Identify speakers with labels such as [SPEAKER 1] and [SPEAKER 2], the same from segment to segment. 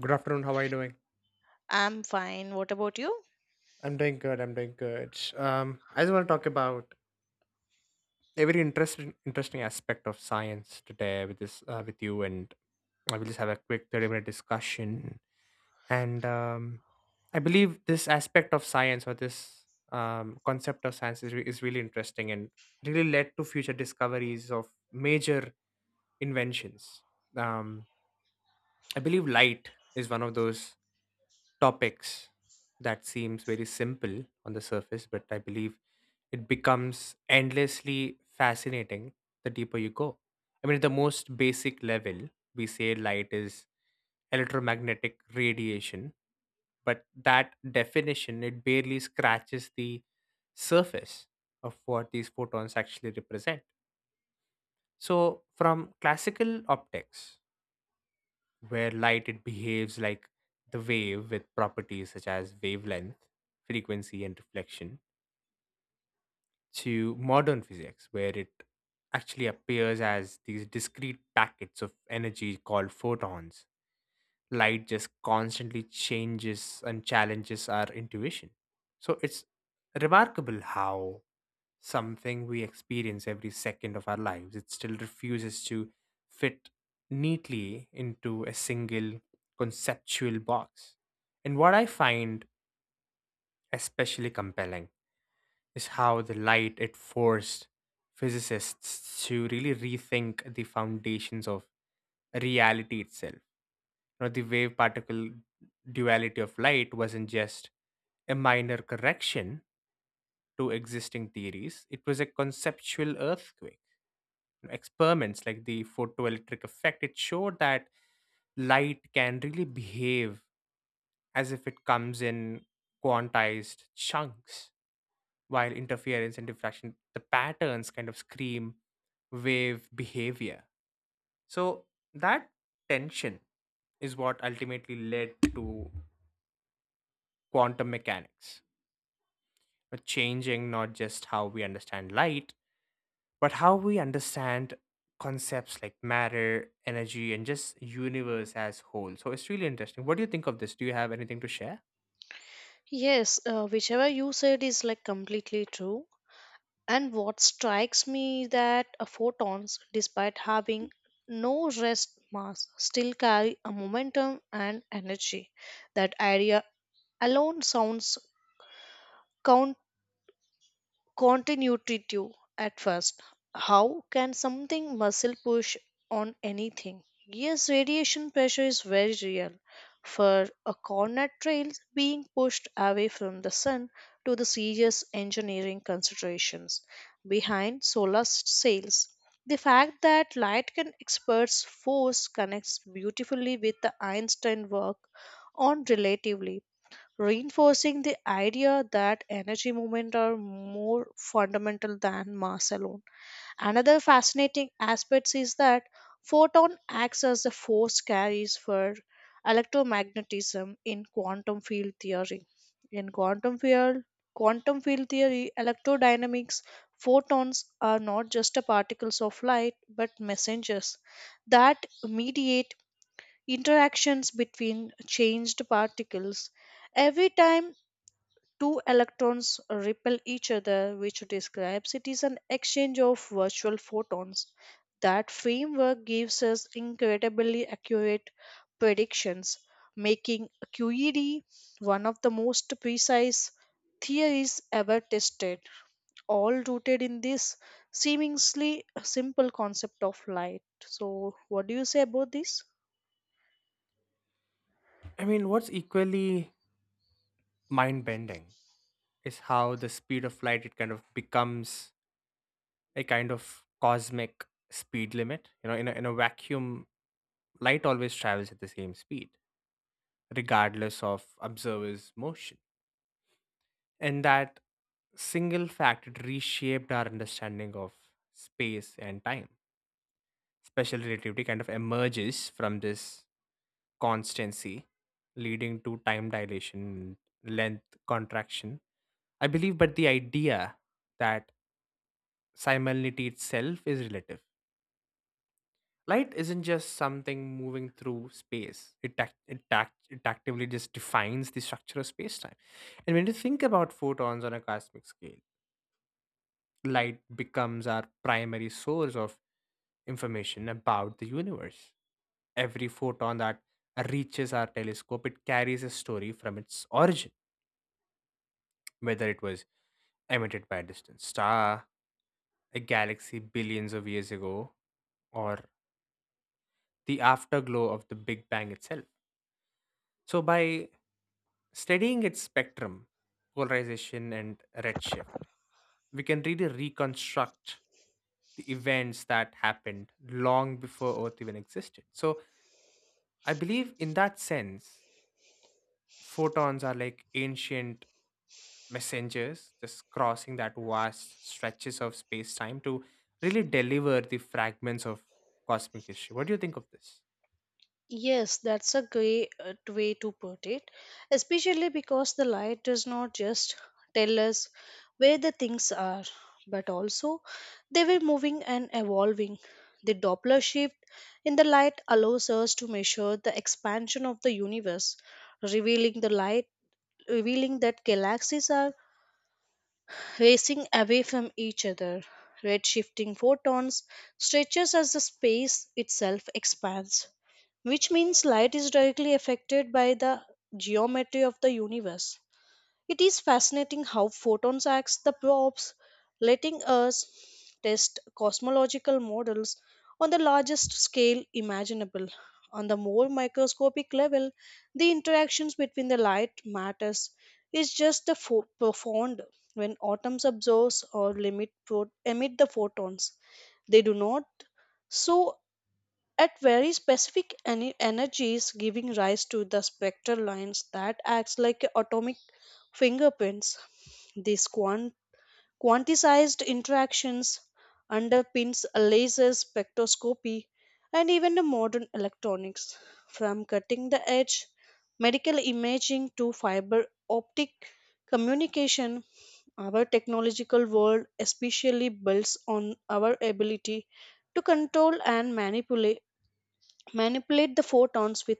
[SPEAKER 1] Good afternoon. How are you doing?
[SPEAKER 2] I'm fine. What about you?
[SPEAKER 1] I'm doing good. I'm doing good. I just want to talk about a very interesting aspect of science today with you, and I will just have a quick 30-minute discussion. And I believe this aspect of science or this concept of science is really interesting and really led to future discoveries of major inventions. Um, I believe light is one of those topics that seems very simple on the surface, but I believe it becomes endlessly fascinating the deeper you go. I mean, at the most basic level, we say light is electromagnetic radiation, but that definition it barely scratches the surface of what these photons actually represent. So, from classical optics where light it behaves like the wave with properties such as wavelength, frequency, and reflection, to modern physics, where it actually appears as these discrete packets of energy called photons, light just constantly changes and challenges our intuition. So it's remarkable how something we experience every second of our lives, it still refuses to fit neatly into a single conceptual box. And what I find especially compelling is how the light it forced physicists to really rethink the foundations of reality itself. Now the wave particle duality of light wasn't just a minor correction to existing theories, it was a conceptual earthquake. Experiments like the photoelectric effect, it showed that light can really behave as if it comes in quantized chunks, while interference and diffraction, the patterns kind of scream wave behavior. So that tension is what ultimately led to quantum mechanics, changing not just how we understand light, but how we understand concepts like matter, energy, and just universe as whole. So it's really interesting. What do you think of this? Do you have anything to share?
[SPEAKER 2] Yes, whichever you said is like completely true. And what strikes me that photons, despite having no rest mass, still carry a momentum and energy. That idea alone sounds continuity to at first. How can something muscle push on anything? Yes, radiation pressure is very real. For a cornet trail being pushed away from the sun to the serious engineering considerations behind solar sails. The fact that light can experts force connects beautifully with the Einstein work on relativity reinforcing the idea that energy movement are more fundamental than mass alone. Another fascinating aspect is that photon acts as the force carries for electromagnetism in quantum field theory. In quantum field theory, electrodynamics, photons are not just a particles of light but messengers that mediate interactions between changed particles every time two electrons repel each other, which describes it is an exchange of virtual photons. That framework gives us incredibly accurate predictions, making QED one of the most precise theories ever tested, all rooted in this seemingly simple concept of light. So, what do you say about this?
[SPEAKER 1] I mean, what's equally mind bending is how the speed of light it kind of becomes a kind of cosmic speed limit. You know, in a vacuum, light always travels at the same speed, regardless of observers' motion. And that single fact it reshaped our understanding of space and time. Special relativity kind of emerges from this constancy, leading to time dilation, length contraction. I believe, but the idea that simultaneity itself is relative. Light isn't just something moving through space. It actively just defines the structure of space time. And when you think about photons on a cosmic scale, light becomes our primary source of information about the universe. Every photon that reaches our telescope, it carries a story from its origin, whether it was emitted by a distant star, a galaxy billions of years ago, or the afterglow of the Big Bang itself. So, by studying its spectrum, polarization, and redshift, we can really reconstruct the events that happened long before Earth even existed. So I believe in that sense, photons are like ancient messengers just crossing that vast stretches of space time to really deliver the fragments of cosmic history. What do you think of this?
[SPEAKER 2] Yes, that's a great way to put it, especially because the light does not just tell us where the things are, but also they were moving and evolving. The Doppler shift in the light allows us to measure the expansion of the universe, revealing the light, revealing that galaxies are racing away from each other. Redshifting photons stretches as the space itself expands, which means light is directly affected by the geometry of the universe. It is fascinating how photons act the probes, letting us test cosmological models on the largest scale imaginable. On the more microscopic level, the interactions between the light matters is just the profound. When atoms absorb or emit the photons, they do not. So at very specific energies giving rise to the spectral lines that acts like atomic fingerprints. These quanticized interactions underpins laser spectroscopy and even the modern electronics, from cutting the edge medical imaging to fiber optic communication. Our technological world especially builds on our ability to control and manipulate the photons with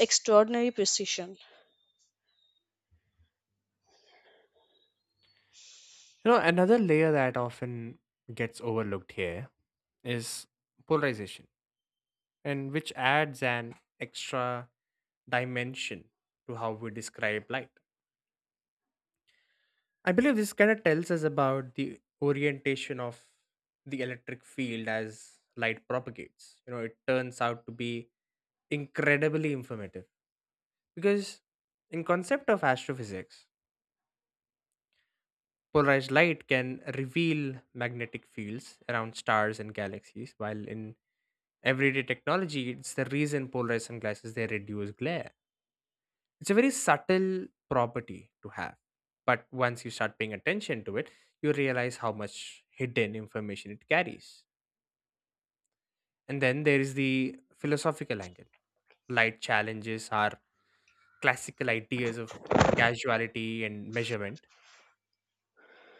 [SPEAKER 2] extraordinary precision.
[SPEAKER 1] You know, another layer that often gets overlooked here is polarization, and which adds an extra dimension to how we describe light. I believe this kind of tells us about the orientation of the electric field as light propagates. You know, it turns out to be incredibly informative because, in concept of astrophysics, polarized light can reveal magnetic fields around stars and galaxies, while in everyday technology, it's the reason polarized sunglasses they reduce glare. It's a very subtle property to have. But once you start paying attention to it, you realize how much hidden information it carries. And then there is the philosophical angle. Light challenges are classical ideas of casuality and measurement.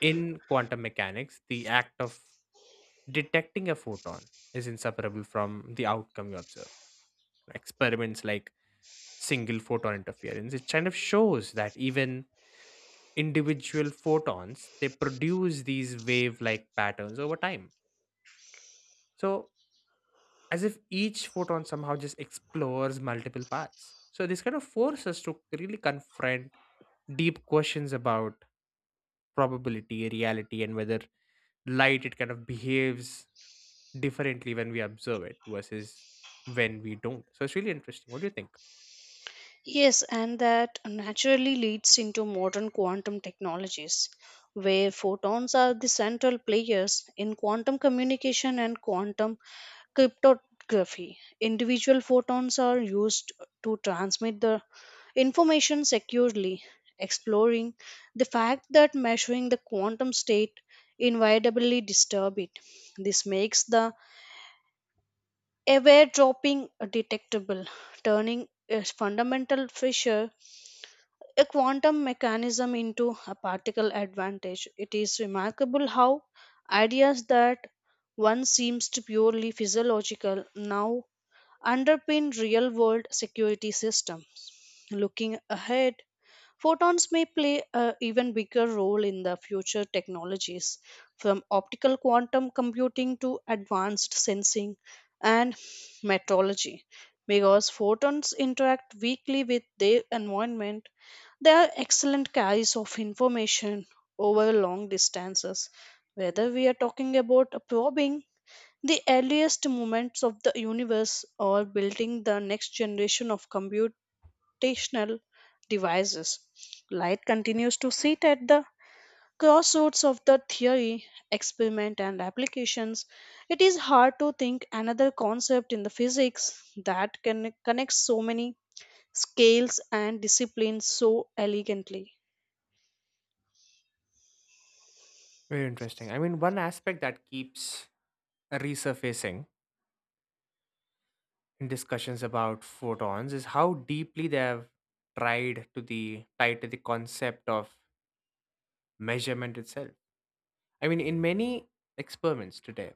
[SPEAKER 1] In quantum mechanics, the act of detecting a photon is inseparable from the outcome you observe. Experiments like single photon interference it kind of shows that even individual photons they produce these wave like patterns over time, so as if each photon somehow just explores multiple paths. So this kind of forces us to really confront deep questions about probability reality and whether light it kind of behaves differently when we observe it versus when we don't. So it's really interesting. What do you think?
[SPEAKER 2] Yes, and that naturally leads into modern quantum technologies, where photons are the central players in quantum communication and quantum cryptography. Individual photons are used to transmit the information securely, exploring the fact that measuring the quantum state inevitably disturb it. This makes the aware dropping detectable, turning a fundamental fissure, a quantum mechanism, into a particle advantage. It is remarkable how ideas that once seems to purely physiological now underpin real world security system. Looking ahead, photons may play an even bigger role in the future technologies, from optical quantum computing to advanced sensing and metrology. Because photons interact weakly with their environment, they are excellent carriers of information over long distances. Whether we are talking about probing the earliest moments of the universe or building the next generation of computers computational devices. Light continues to sit at the crossroads of the theory, experiment, and applications. It is hard to think another concept in the physics that can connect so many scales and disciplines so elegantly.
[SPEAKER 1] Very interesting. I mean, one aspect that keeps resurfacing discussions about photons is how deeply they have tried to the tied to the concept of measurement itself. I mean, in many experiments today,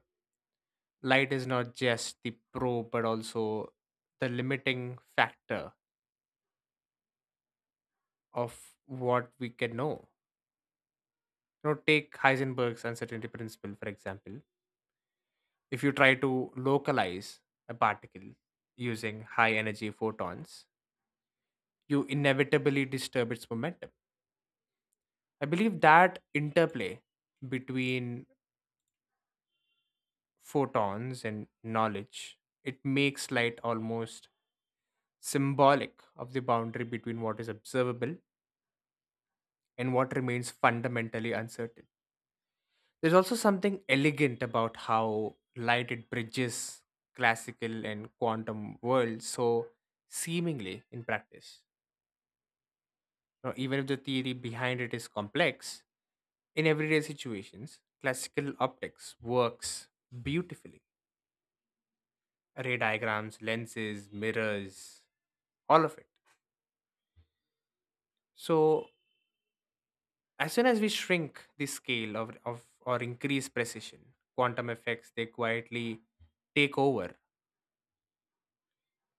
[SPEAKER 1] light is not just the probe but also the limiting factor of what we can know. You know, take Heisenberg's uncertainty principle, for example. If you try to localize a particle using high energy photons, you inevitably disturb its momentum. I believe that interplay between photons and knowledge it makes light almost symbolic of the boundary between what is observable and what remains fundamentally uncertain. There's also something elegant about how light it bridges classical and quantum worlds so seemingly in practice. Now, even if the theory behind it is complex, in everyday situations, classical optics works beautifully, array diagrams, lenses, mirrors, all of it. So, as soon as we shrink the scale of or increase precision, quantum effects they quietly take over.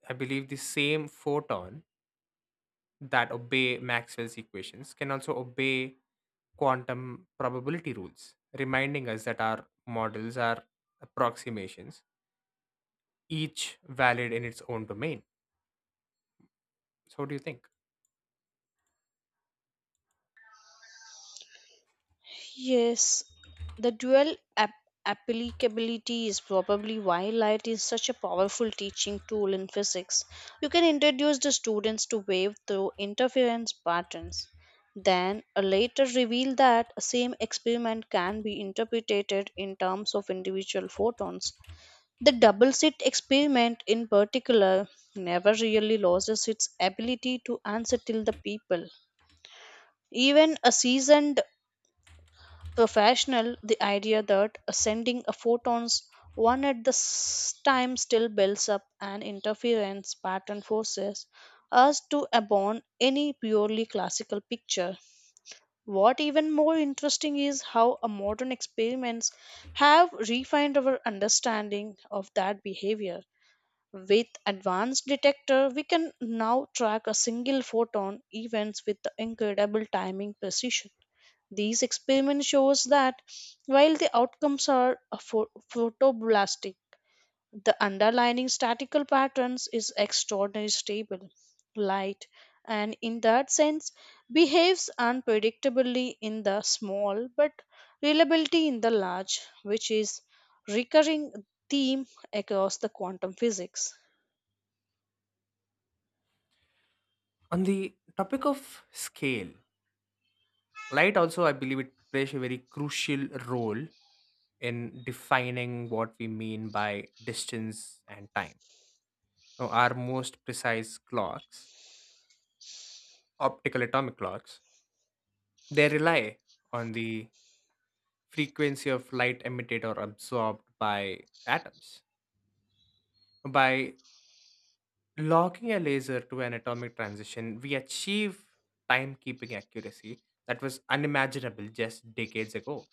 [SPEAKER 1] I believe the same photon that obey Maxwell's equations can also obey quantum probability rules, reminding us that our models are approximations, each valid in its own domain. So, what do you think?
[SPEAKER 2] Yes, the dual applicability is probably why light is such a powerful teaching tool in physics. You can introduce the students to wave through interference patterns, then later reveal that a same experiment can be interpreted in terms of individual photons. The double slit experiment, in particular, never really loses its ability to unsettle the people. Even a seasoned professional, the idea that sending a photons one at the time still builds up an interference pattern forces us to abandon any purely classical picture. What even more interesting is how a modern experiments have refined our understanding of that behavior. With advanced detector, we can now track a single photon events with incredible timing precision. These experiments shows that while the outcomes are photoblastic, the underlying statistical patterns is extraordinarily stable. Light, and in that sense, behaves unpredictably in the small but reliability in the large, which is recurring theme across the quantum physics.
[SPEAKER 1] On the topic of scale, light also I believe it plays a very crucial role in defining what we mean by distance and time. Now, our most precise clocks, optical atomic clocks, they rely on the frequency of light emitted or absorbed by atoms. By locking a laser to an atomic transition we achieve timekeeping accuracy that was unimaginable just decades ago.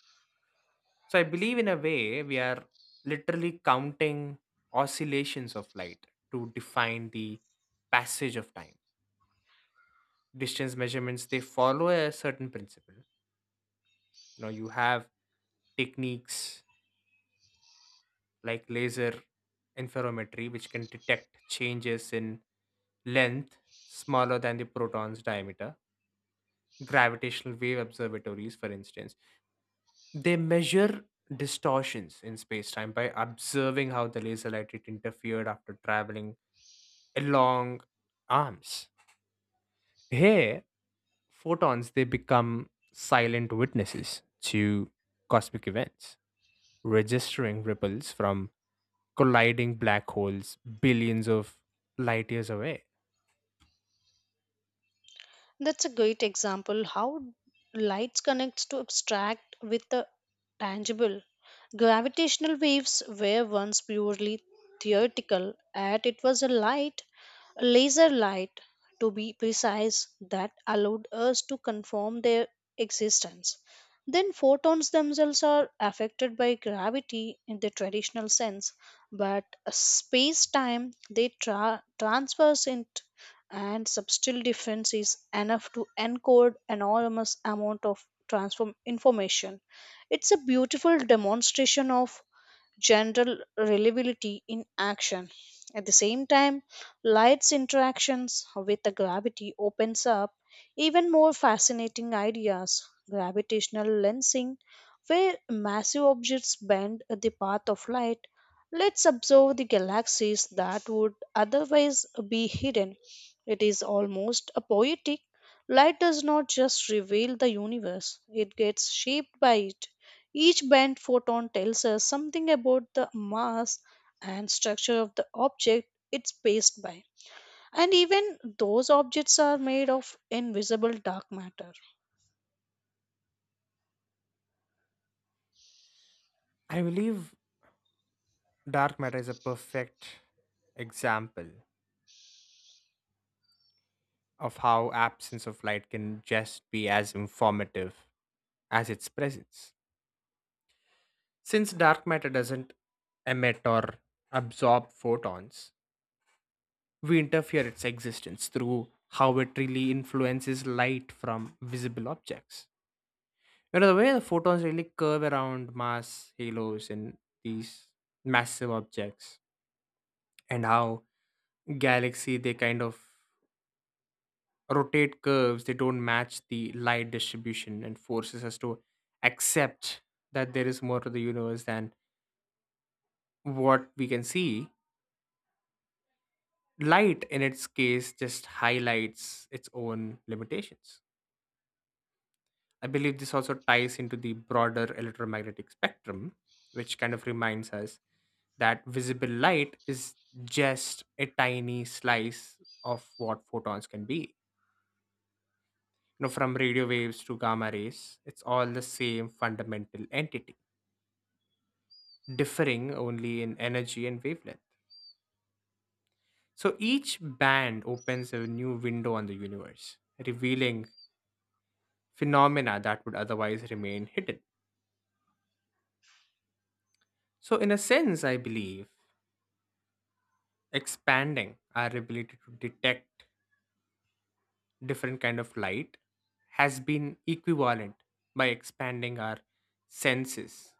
[SPEAKER 1] So I believe in a way we are literally counting oscillations of light to define the passage of time. Distance measurements they follow a certain principle. You know, you have techniques like laser interferometry which can detect changes in length smaller than the proton's diameter. Gravitational wave observatories, for instance, they measure distortions in space time by observing how the laser light it interfered after traveling long arms. Here, photons they become silent witnesses to cosmic events, registering ripples from colliding black holes billions of light years away.
[SPEAKER 2] That's a great example how lights connects to abstract with the tangible. Gravitational waves were once purely theoretical, and it was a light, laser light to be precise, that allowed us to confirm their existence. Then photons themselves are affected by gravity in the traditional sense, but space time they transverse it, and subtle difference is enough to encode enormous amount of transform information. It's a beautiful demonstration of general reliability in action. At the same time, light's interactions with the gravity opens up even more fascinating ideas. Gravitational lensing, where massive objects bend the path of light, lets observe the galaxies that would otherwise be hidden. It is almost a poetic. Light does not just reveal the universe, it gets shaped by it. Each bent photon tells us something about the mass and structure of the object it's passed by. And even those objects are made of invisible dark matter.
[SPEAKER 1] I believe dark matter is a perfect example of how absence of light can just be as informative as its presence. Since dark matter doesn't emit or absorb photons, we interfere its existence through how it really influences light from visible objects. You know, the way the photons really curve around mass halos in these massive objects, and how galaxy they kind of rotate curves, they don't match the light distribution and forces us to accept that there is more to the universe than what we can see. Light, in its case, just highlights its own limitations. I believe this also ties into the broader electromagnetic spectrum, which kind of reminds us that visible light is just a tiny slice of what photons can be. You know, from radio waves to gamma rays, it's all the same fundamental entity, differing only in energy and wavelength. So each band opens a new window on the universe, revealing phenomena that would otherwise remain hidden. So, in a sense, I believe expanding our ability to detect different kind of light has been equivalent by expanding our senses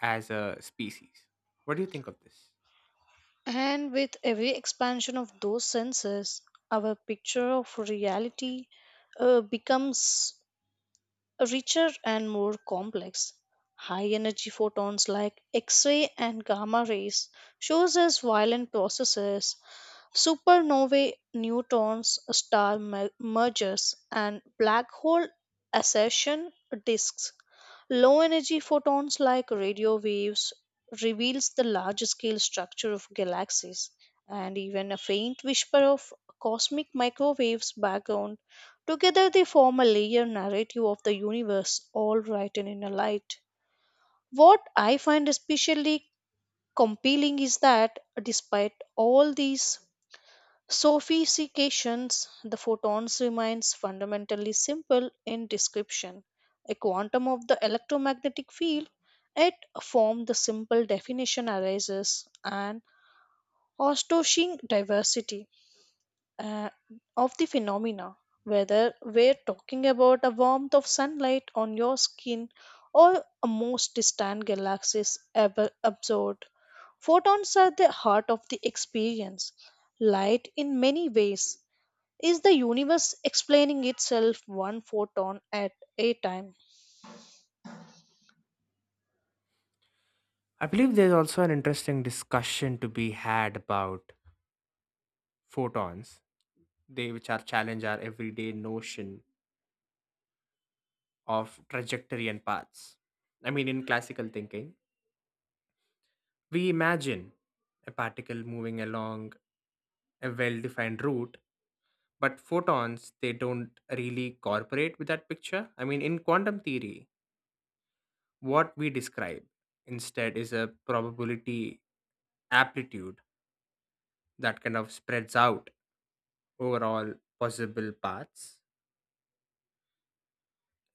[SPEAKER 1] as a species. What do you think of this?
[SPEAKER 2] And with every expansion of those senses, our picture of reality becomes richer and more complex. High energy photons like X ray and gamma rays shows us violent processes: supernovae, neutrons, star mergers, and black hole accession disks. Low energy photons like radio waves reveals the large scale structure of galaxies and even a faint whisper of cosmic microwaves background. Together they form a layer narrative of the universe, all written in a light. What I find especially compelling is that, despite all these sophistications, the photons remains fundamentally simple in description. A quantum of the electromagnetic field, it formed the simple definition arises an astonishing diversity uh, of the phenomena. Whether we're talking about a warmth of sunlight on your skin or a most distant galaxies ever observed, photons are the heart of the experience. Light, in many ways, is the universe explaining itself one photon at a time?
[SPEAKER 1] I believe there's also an interesting discussion to be had about photons they which are challenge our everyday notion of trajectory and paths. I mean in classical thinking we imagine a particle moving along a well defined route. But photons, they don't really cooperate with that picture. I mean, in quantum theory, what we describe instead is a probability amplitude that kind of spreads out over all possible paths,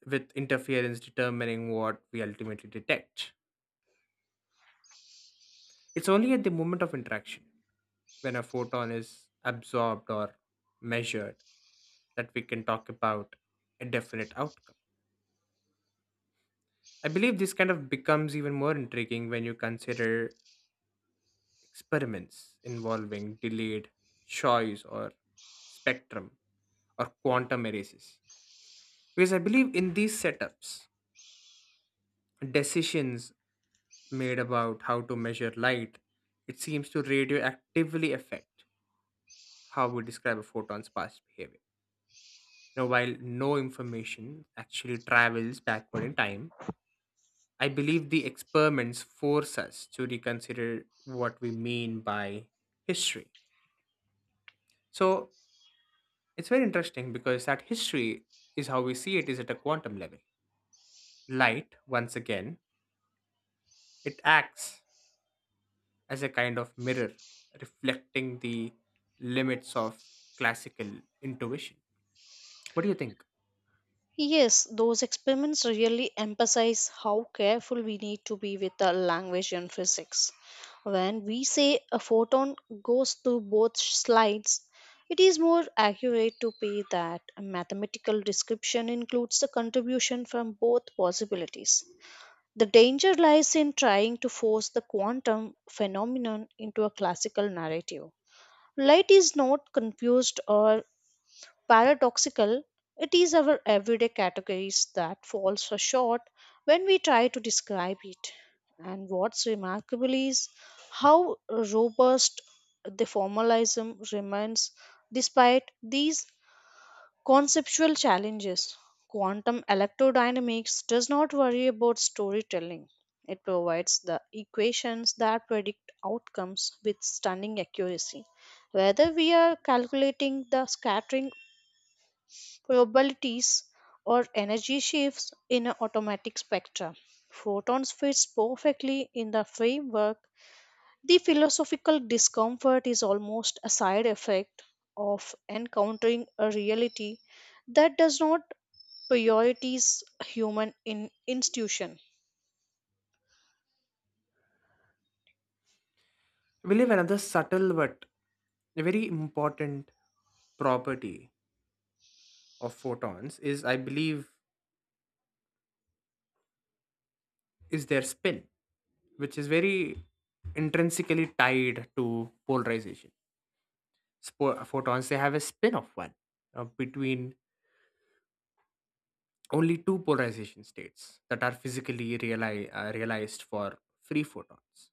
[SPEAKER 1] with interference determining what we ultimately detect. It's only at the moment of interaction, when a photon is absorbed or measured, that we can talk about a definite outcome. I believe this kind of becomes even more intriguing when you consider experiments involving delayed choice or spectrum or quantum erases. Because I believe in these setups, decisions made about how to measure light, it seems to radioactively affect how we describe a photon's past behavior. Now, while no information actually travels backward in time, I believe the experiments force us to reconsider what we mean by history. So it's very interesting because that history is how we see it is at a quantum level. Light, once again, it acts as a kind of mirror reflecting the limits of classical intuition. What do you think?
[SPEAKER 2] Yes, those experiments really emphasize how careful we need to be with the language and physics. When we say a photon goes through both slides, it is more accurate to say that a mathematical description includes the contribution from both possibilities. The danger lies in trying to force the quantum phenomenon into a classical narrative. Light is not confused or paradoxical. It is our everyday categories that falls so short when we try to describe it. And what's remarkable is how robust the formalism remains despite these conceptual challenges. Quantum electrodynamics does not worry about storytelling. It provides the equations that predict outcomes with stunning accuracy. Whether we are calculating the scattering probabilities or energy shifts in an automatic spectra, photons fits perfectly in the framework. The philosophical discomfort is almost a side effect of encountering a reality that does not priorities human in institution.
[SPEAKER 1] I believe another subtle but a very important property of photons is, I believe, is their spin, which is very intrinsically tied to polarization. Photons they have a spin of one between only two polarization states that are physically realized for free photons.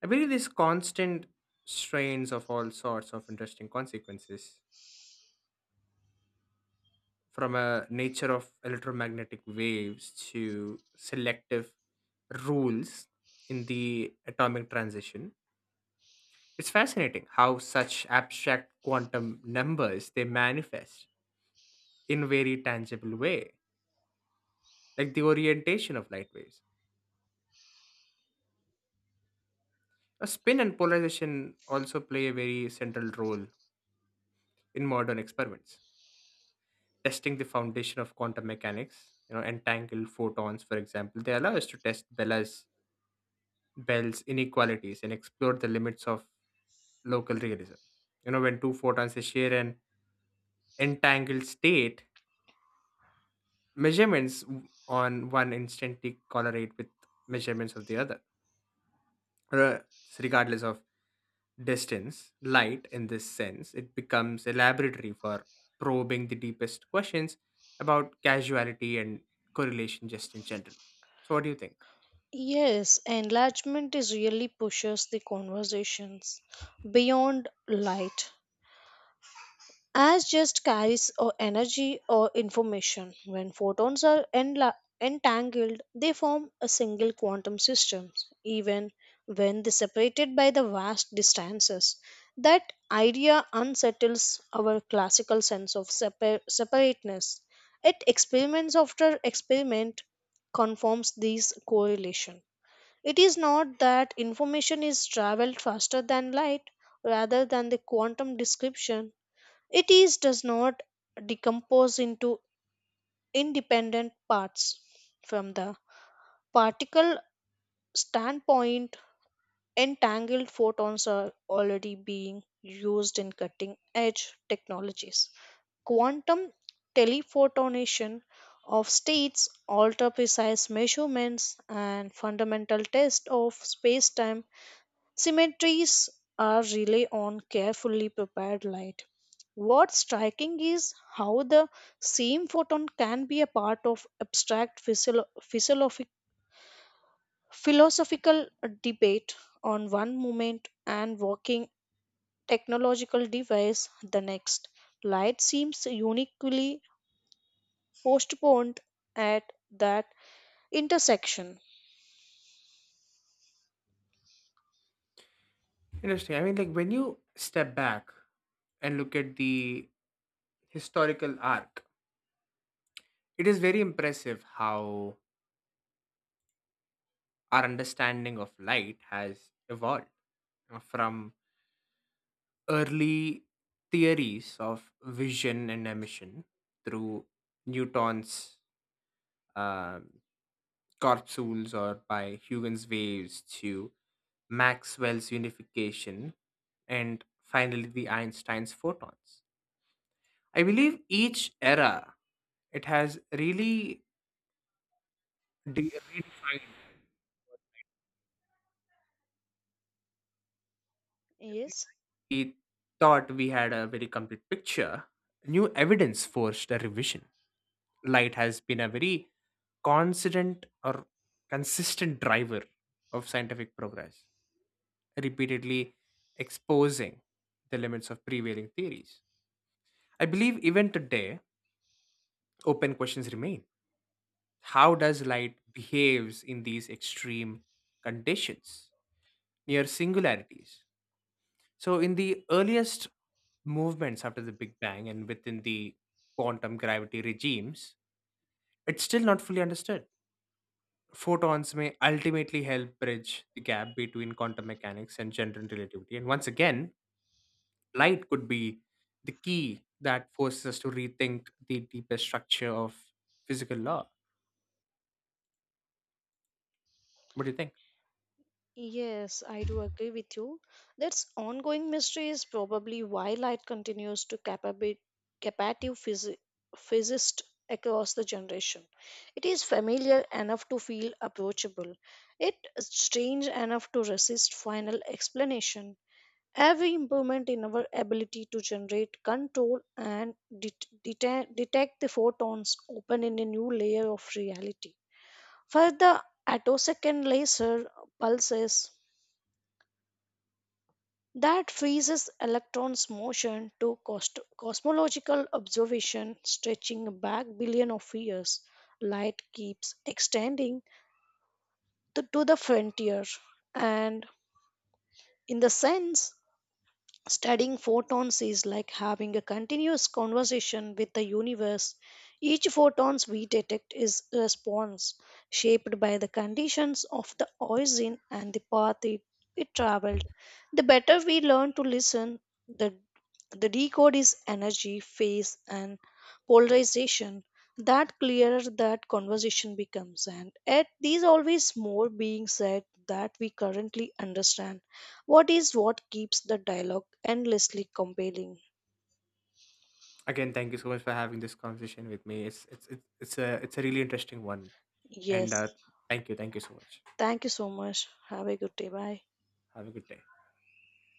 [SPEAKER 1] I believe these constant strains of all sorts of interesting consequences, from a nature of electromagnetic waves to selective rules in the atomic transition. It's fascinating how such abstract quantum numbers they manifest in very tangible way, like the orientation of light waves. A spin and polarization also play a very central role in modern experiments. Testing the foundation of quantum mechanics, you know, entangled photons, for example, they allow us to test Bella's Bell's inequalities and explore the limits of local realism. You know, when two photons they share an entangled state, measurements on one instantly correlate with measurements of the other, re- regardless of distance, light in this sense, it becomes a laboratory for probing the deepest questions about causality and correlation just in general. So what do you think?
[SPEAKER 2] Yes, enlargement is really pushes the conversations beyond light as just carries or energy or information. When photons are entangled, they form a single quantum system, even when they separated by the vast distances. That idea unsettles our classical sense of separateness. It experiments after experiment confirms this correlation. It is not that information is traveled faster than light, rather than the quantum description it is does not decompose into independent parts. From the particle standpoint, entangled photons are already being used in cutting edge technologies. Quantum telephotonation of states alter precise measurements and fundamental tests of space time cemeteries are rely on carefully prepared light. What's striking is how the same photon can be a part of abstract philosophical debate on one moment and working technological device the next. Light seems uniquely postponed at that intersection.
[SPEAKER 1] Interesting. I mean like when you step back and look at the historical arc, it is very impressive how our understanding of light has evolved you from early theories of vision and emission through Newton's um Corpuscles or by Huygens waves to Maxwell's unification and finally the Einstein's photons. I believe each era it has really redefined every
[SPEAKER 2] Yes,
[SPEAKER 1] we thought we had a very complete picture. New evidence forced a revision. Light has been a very constant or consistent driver of scientific progress, repeatedly exposing the limits of prevailing theories. I believe even today, open questions remain. How does light behaves in these extreme conditions, near singularities? So in the earliest movements after the Big Bang and within the quantum gravity regimes, it's still not fully understood. Photons may ultimately help bridge the gap between quantum mechanics and general relativity. And once again, light could be the key that forces us to rethink the deeper structure of physical law. What do you think?
[SPEAKER 2] Yes, I do agree with you. That's ongoing mystery is probably why light continues to captivate captive phys- physicists across the generation. It is familiar enough to feel approachable, yet strange enough to resist final explanation. Every improvement in our ability to generate, control, and detect the photons open in a new layer of reality. Further, attosecond laser pulses that freezes electrons motion to cosmological observation stretching back billion of years, light keeps extending to the frontier. And in the sense, studying photons is like having a continuous conversation with the universe. Each photons we detect is a response shaped by the conditions of the origin and the path it traveled. The better we learn to listen, the the decode is energy, phase, and polarization. That clearer that conversation becomes, and yet there's always more being said that we currently understand. What is what keeps the dialogue endlessly compelling?
[SPEAKER 1] Again, thank you so much for having this conversation with me. It's a really interesting one, and
[SPEAKER 2] Yes.
[SPEAKER 1] thank you so much.
[SPEAKER 2] Thank you so much. Have a good day. Bye.
[SPEAKER 1] Have a good day.